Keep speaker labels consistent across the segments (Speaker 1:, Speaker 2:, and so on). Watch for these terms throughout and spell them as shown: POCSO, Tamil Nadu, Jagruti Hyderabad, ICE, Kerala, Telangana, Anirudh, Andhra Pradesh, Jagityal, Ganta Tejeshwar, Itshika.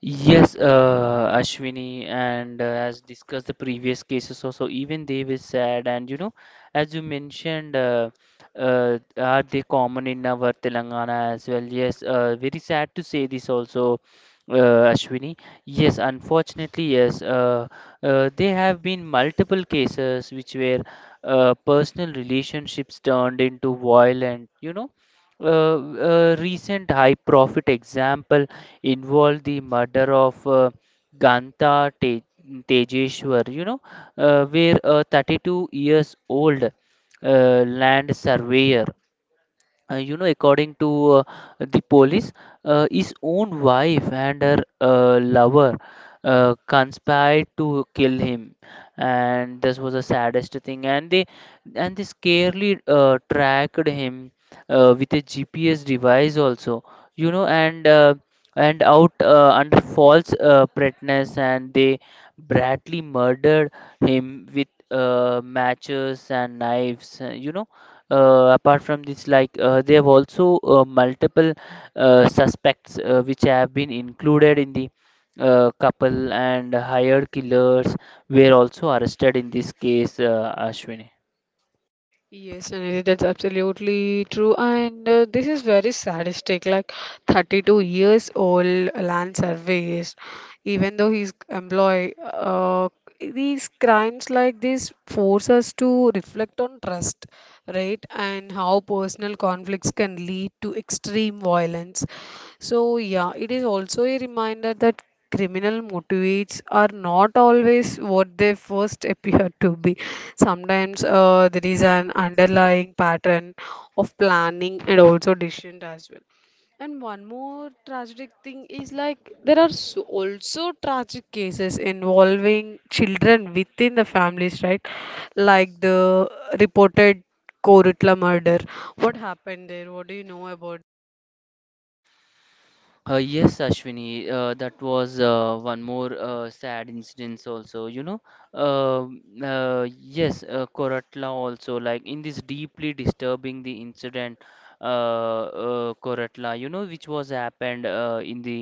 Speaker 1: Yes, Ashwini, and as discussed the previous cases also, even they were sad. And you know, as you mentioned, are they common in our Telangana as well? Yes, very sad to say this also, Ashwini. Yes, unfortunately, yes, there have been multiple cases which were personal relationships turned into violent. A recent high profit example involved the murder of Ganta Te- Tejeshwar, where a 32 years old land surveyor, you know, according to uh, the police, his own wife and her lover conspired to kill him, and this was the saddest thing. And they scarcely tracked him with a GPS device also, and and out under false pretense, and they brutally murdered him with matches and knives. Apart from this, like they have also multiple suspects which have been included in the couple, and hired killers were also arrested in this case, Ashwini. Yes, Ashwini, that was one more sad incident also. Yes, Koratla also, like in this deeply disturbing the incident, Koratla, you know, which was happened in the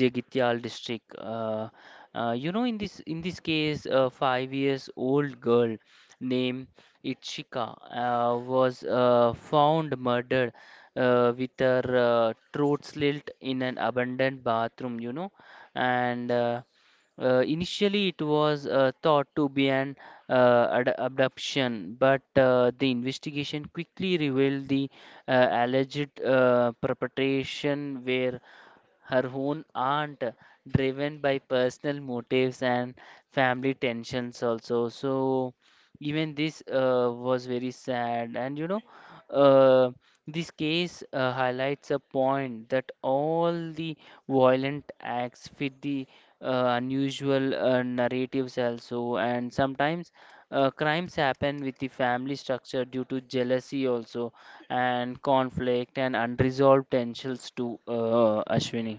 Speaker 1: Jagityal district. You know, in this case, a 5 years old girl named Itshika was found murdered with her throat slit in an abandoned bathroom. And Initially, it was thought to be an abduction, but the investigation quickly revealed the alleged perpetration were her own aunt, driven by personal motives and family tensions also. So even this was very sad. And you know, uh, this case highlights a point that all the violent acts fit the unusual narratives also, and sometimes crimes happen with the family structure due to jealousy also, and conflict and unresolved tensions too, Ashwini.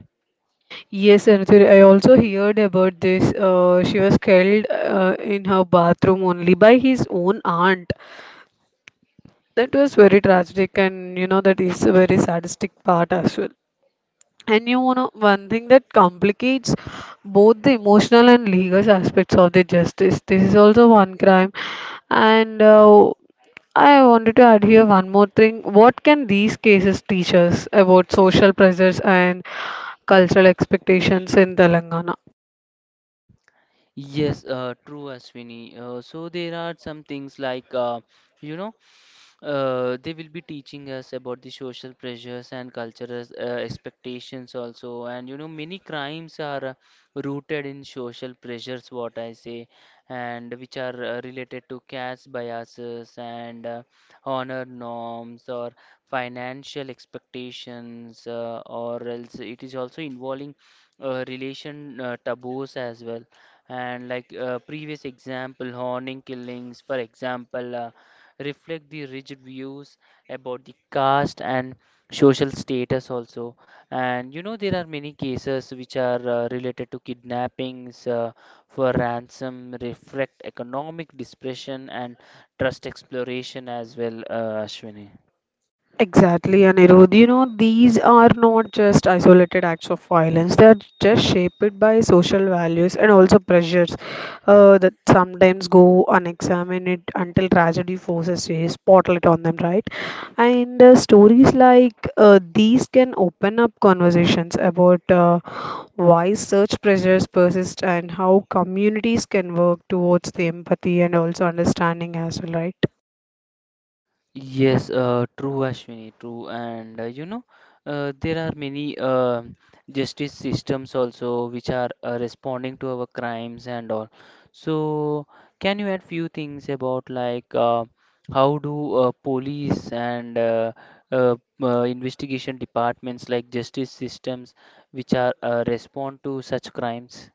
Speaker 1: Yes, true, Ashwini. So there are some things like, you know, they will be teaching us about the social pressures and cultural expectations also. And you know, many crimes are rooted in social pressures, what I say, and which are related to caste biases and honor norms or financial expectations, or else it is also involving relation taboos as well, and like previous example, honing killings for example reflect the rigid views about the caste and social status also. And you know, there are many cases which are related to kidnappings for ransom, reflect economic depression and trust exploration as well, Ashwini. Yes, true, Ashwini, true. And you know, there are many justice systems also which are responding to our crimes and all. So, can you add few things about like how do police and uh, investigation departments like justice systems which are respond to such crimes?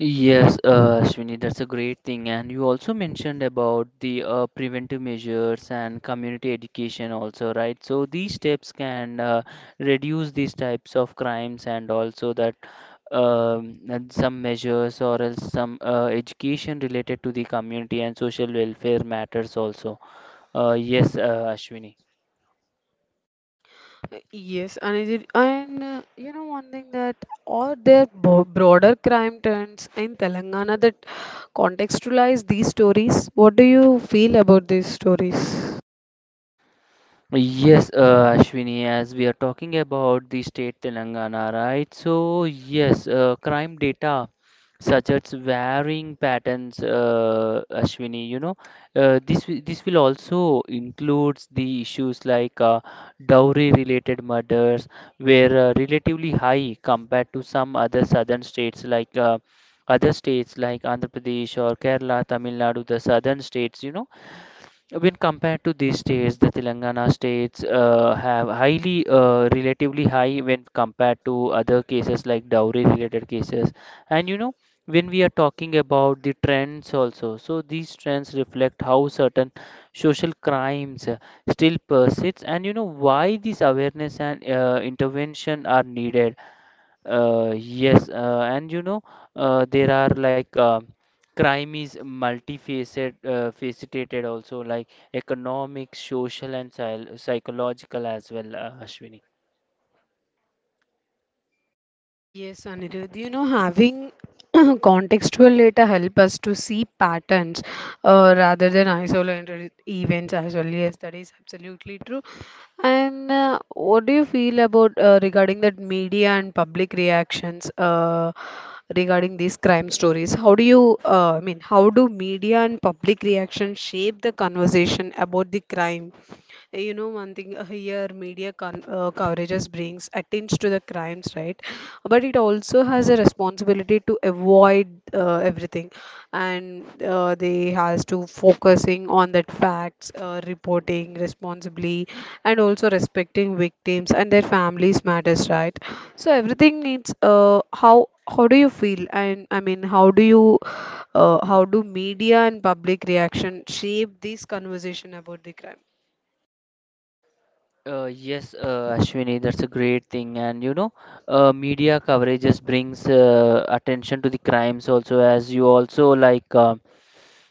Speaker 1: Yes, Ashwini, that's a great thing. And you also mentioned about the preventive measures and community education also, right? So these steps can reduce these types of crimes, and also that, and some measures, or else some education related to the community and social welfare matters also. Yes, Ashwini. Yes, Ashwini, as we are talking about the state Telangana, right? So, yes, crime data suggests varying patterns, Ashwini. You know, this will also includes the issues like dowry-related murders, where relatively high compared to some other southern states, like other states like Andhra Pradesh or Kerala, Tamil Nadu, the southern states. You know, when compared to these states, the Telangana states have highly, relatively high when compared to other cases like dowry related cases. And you know, when we are talking about the trends also, so these trends reflect how certain social crimes still persists, and you know why this awareness and intervention are needed. Yes, and you know, there are like, crime is multifaceted, faceted also, like economic, social, and psychological as well, Ashwini. Yes, Ashwini, that's a great thing. And you know, media coverage just brings attention to the crimes also, as you also like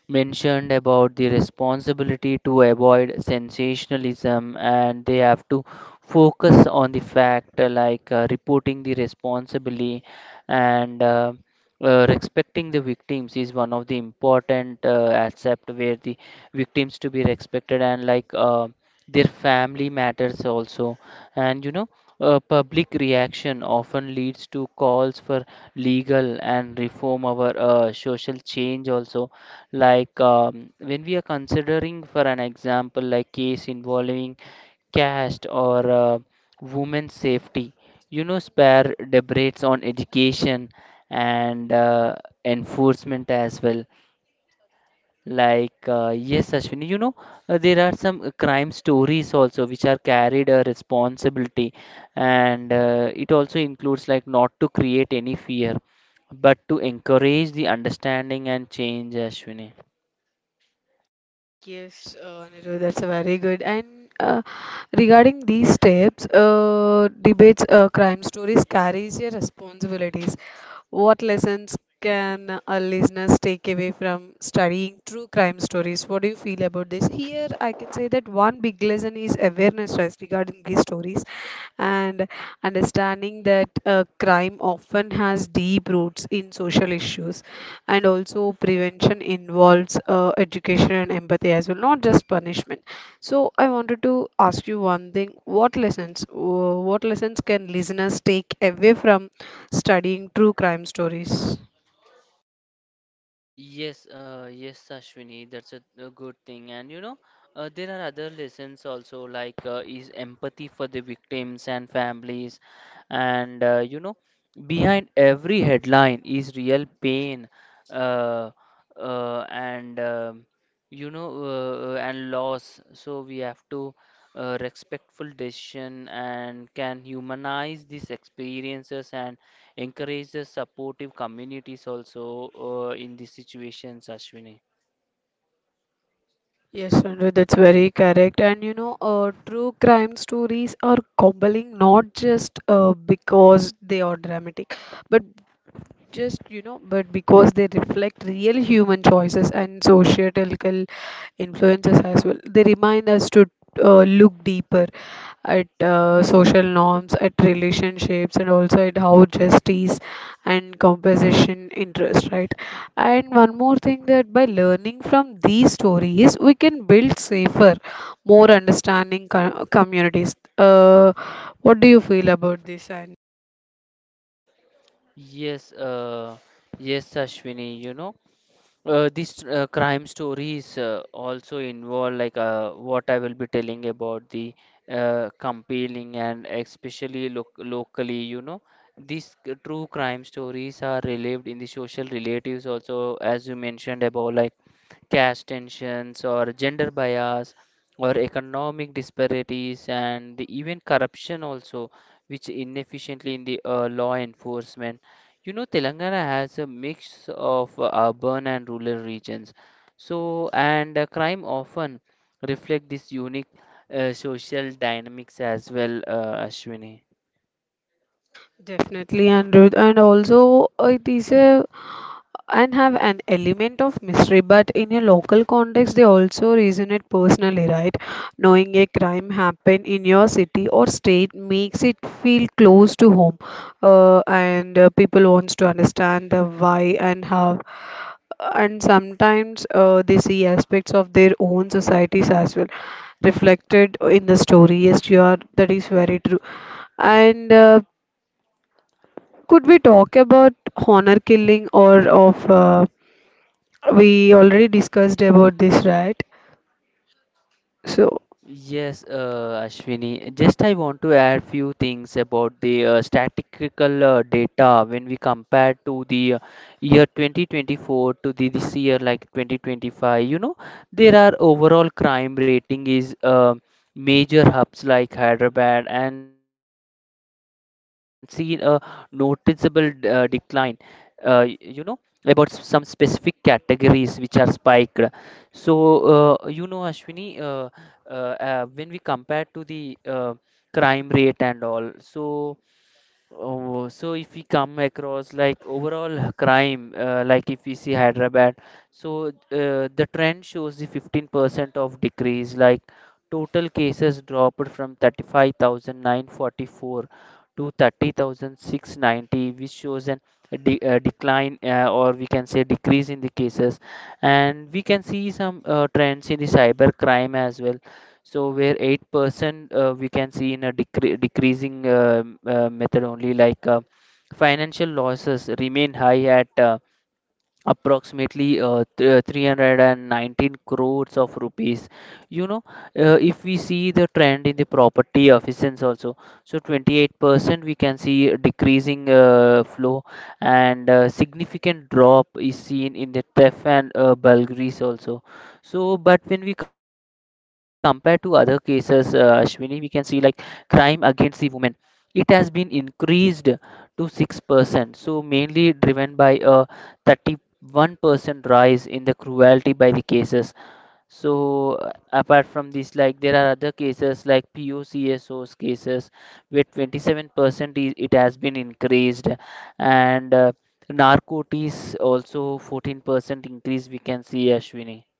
Speaker 1: mentioned about the responsibility to avoid sensationalism, and they have to focus on the fact, like reporting the responsibly, and respecting the victims is one of the important aspect, where the victims to be respected and like. Their family matters also, and you know, public reaction often leads to calls for legal and reform our social change also, like when we are considering for an example like case involving caste or women's safety, you know, spare debates on education and enforcement as well. Like, yes, Ashwini, you know, there are some crime stories also which are carried a responsibility, and it also includes like not to create any fear, but to encourage the understanding and change, Ashwini. Yes, yes, Ashwini, that's a good thing. And you know, there are other lessons also, like is empathy for the victims and families. And you know, behind every headline is real pain, uh, and you know, and loss. So we have to respectful decision, and can humanize these experiences and encourage the supportive communities also in these situations, Ashwini. Yes, yes, Ashwini, you know, these crime stories also involve like, what I will be telling about the compelling and especially locally, you know, true crime stories are relived in the social relatives also, as you mentioned about like caste tensions or gender bias or economic disparities and even corruption also, which inefficiently in the law enforcement. You know, Telangana has a mix of urban and rural regions. So, and crime often reflect this unique social dynamics as well, Ashwini. Yes, Ashwini. Just I want to add few things about the statistical data when we compare to the year 2024 to the this year like 2025. You know, there are overall crime rating is, major hubs like Hyderabad and seen a noticeable decline. You know about some specific categories which are spiked. So, you know, Ashwini, uh, when we compare to the crime rate and all, so. Oh, so if we come across like overall crime, like if we see Hyderabad, so the trend shows the 15% of decrease, like total cases dropped from 35,944 to 30,690, which shows an a de decline, or we can say decrease in the cases. And we can see some trends in the cyber crime as well. So where 8% we can see in a decreasing method only, like financial losses remain high at approximately 319 crores of rupees, you know. If we see the trend in the property efficiency also, so 28% we can see a decreasing flow, and significant drop is seen in the theft and burglaries also. So, but when we compare to other cases, Ashwini, we can see like crime against the women, it has been increased to 6%, so mainly driven by a 30 1% rise in the cruelty by the cases. So apart from this, like there are other cases like POCSOs cases where 27% is, it has been increased, and narcotics also 14% increase we can see, Ashwini.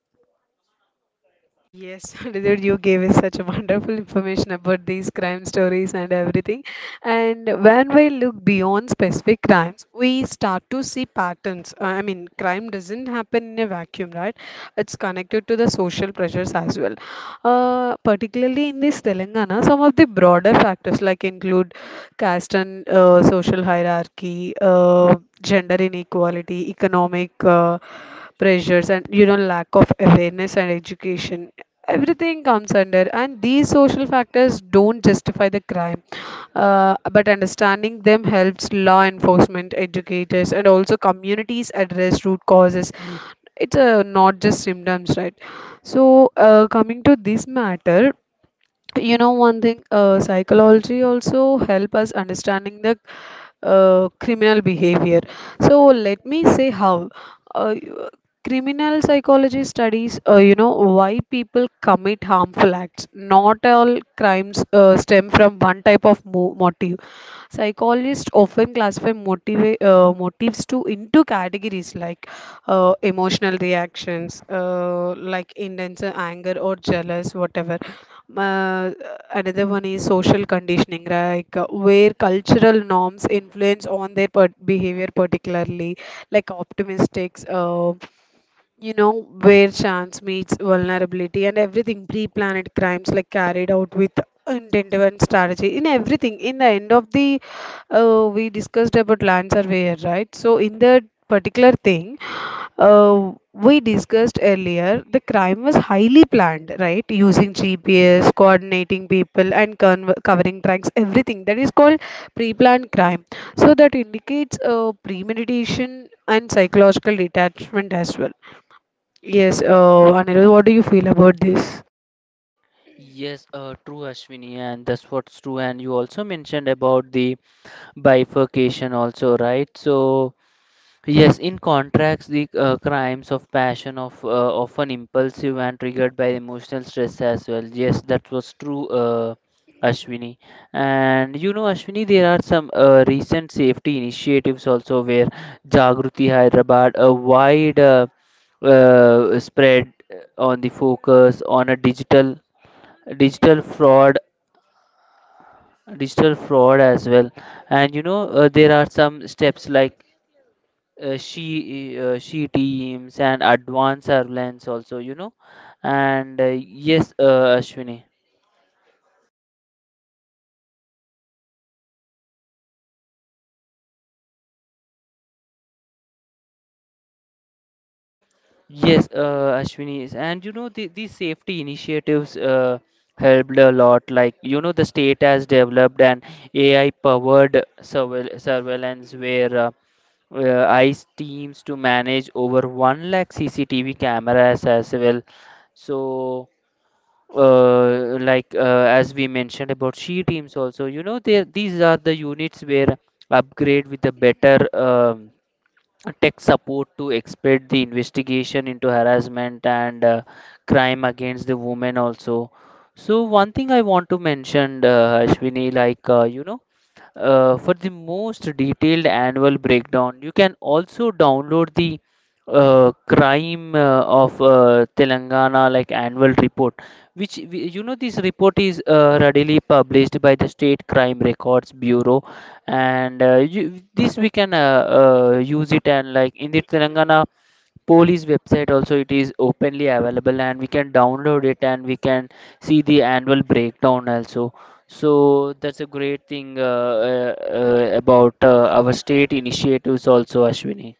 Speaker 1: Yes, true, Ashwini, and that's what's true. And you also mentioned about the bifurcation also, right? So, yes, in contracts, the crimes of passion of often impulsive and triggered by emotional stress as well. Yes, that was true, Ashwini. And you know, Ashwini, there are some recent safety initiatives also, where Jagruti Hyderabad, a wide spread on the focus on a digital fraud as well. And you know, there are some steps like she teams and advanced surveillance also, you know. And yes, Ashwini. Yes, Ashwini is, and you know the, these safety initiatives helped a lot, like you know the state has developed an AI powered surveillance where ICE teams to manage over 1 lakh CCTV cameras as well. So like as we mentioned about she teams also, you know, they these are the units where upgrade with a better tech support to expedite the investigation into harassment and crime against the women also. So one thing I want to mention, Ashwini, like, for the most detailed annual breakdown you can also download the crime of Telangana, like annual report, which you know, this report is readily published by the state crime records bureau. And you, this we can use it, and like in the Telangana police website also it is openly available, and we can download it and we can see the annual breakdown also. So that's a great thing about our state initiatives also, Ashwini.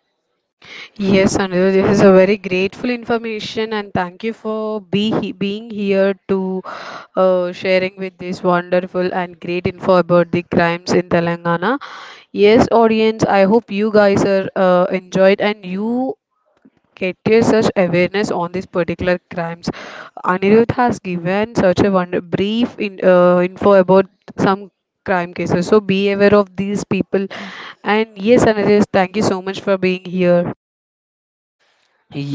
Speaker 2: Yes, Anirudh, this is a very grateful information, and thank you for being here to sharing with this wonderful and great info about the crimes in Telangana. Yes, audience, I hope you guys are enjoyed and you get your such awareness on these particular crimes. Anirudh has given such a wonder brief info about some crime cases. So be aware of these people. And yes, Anirudh, thank you so much for being here.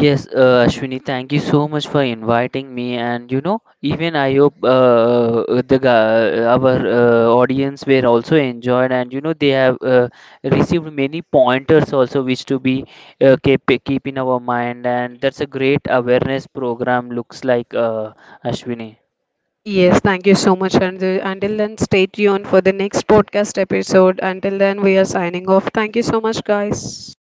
Speaker 1: Yes, Ashwini, thank you so much for inviting me. And you know, even I hope the our audience were also enjoyed, and you know, they have received many pointers also, which to be keep in our mind. And that's a great awareness program looks like, Ashwini.
Speaker 2: Yes, thank you so much, Anirudh. Until then, stay tuned for the next podcast episode. Until then, we are signing off. Thank you so much, guys.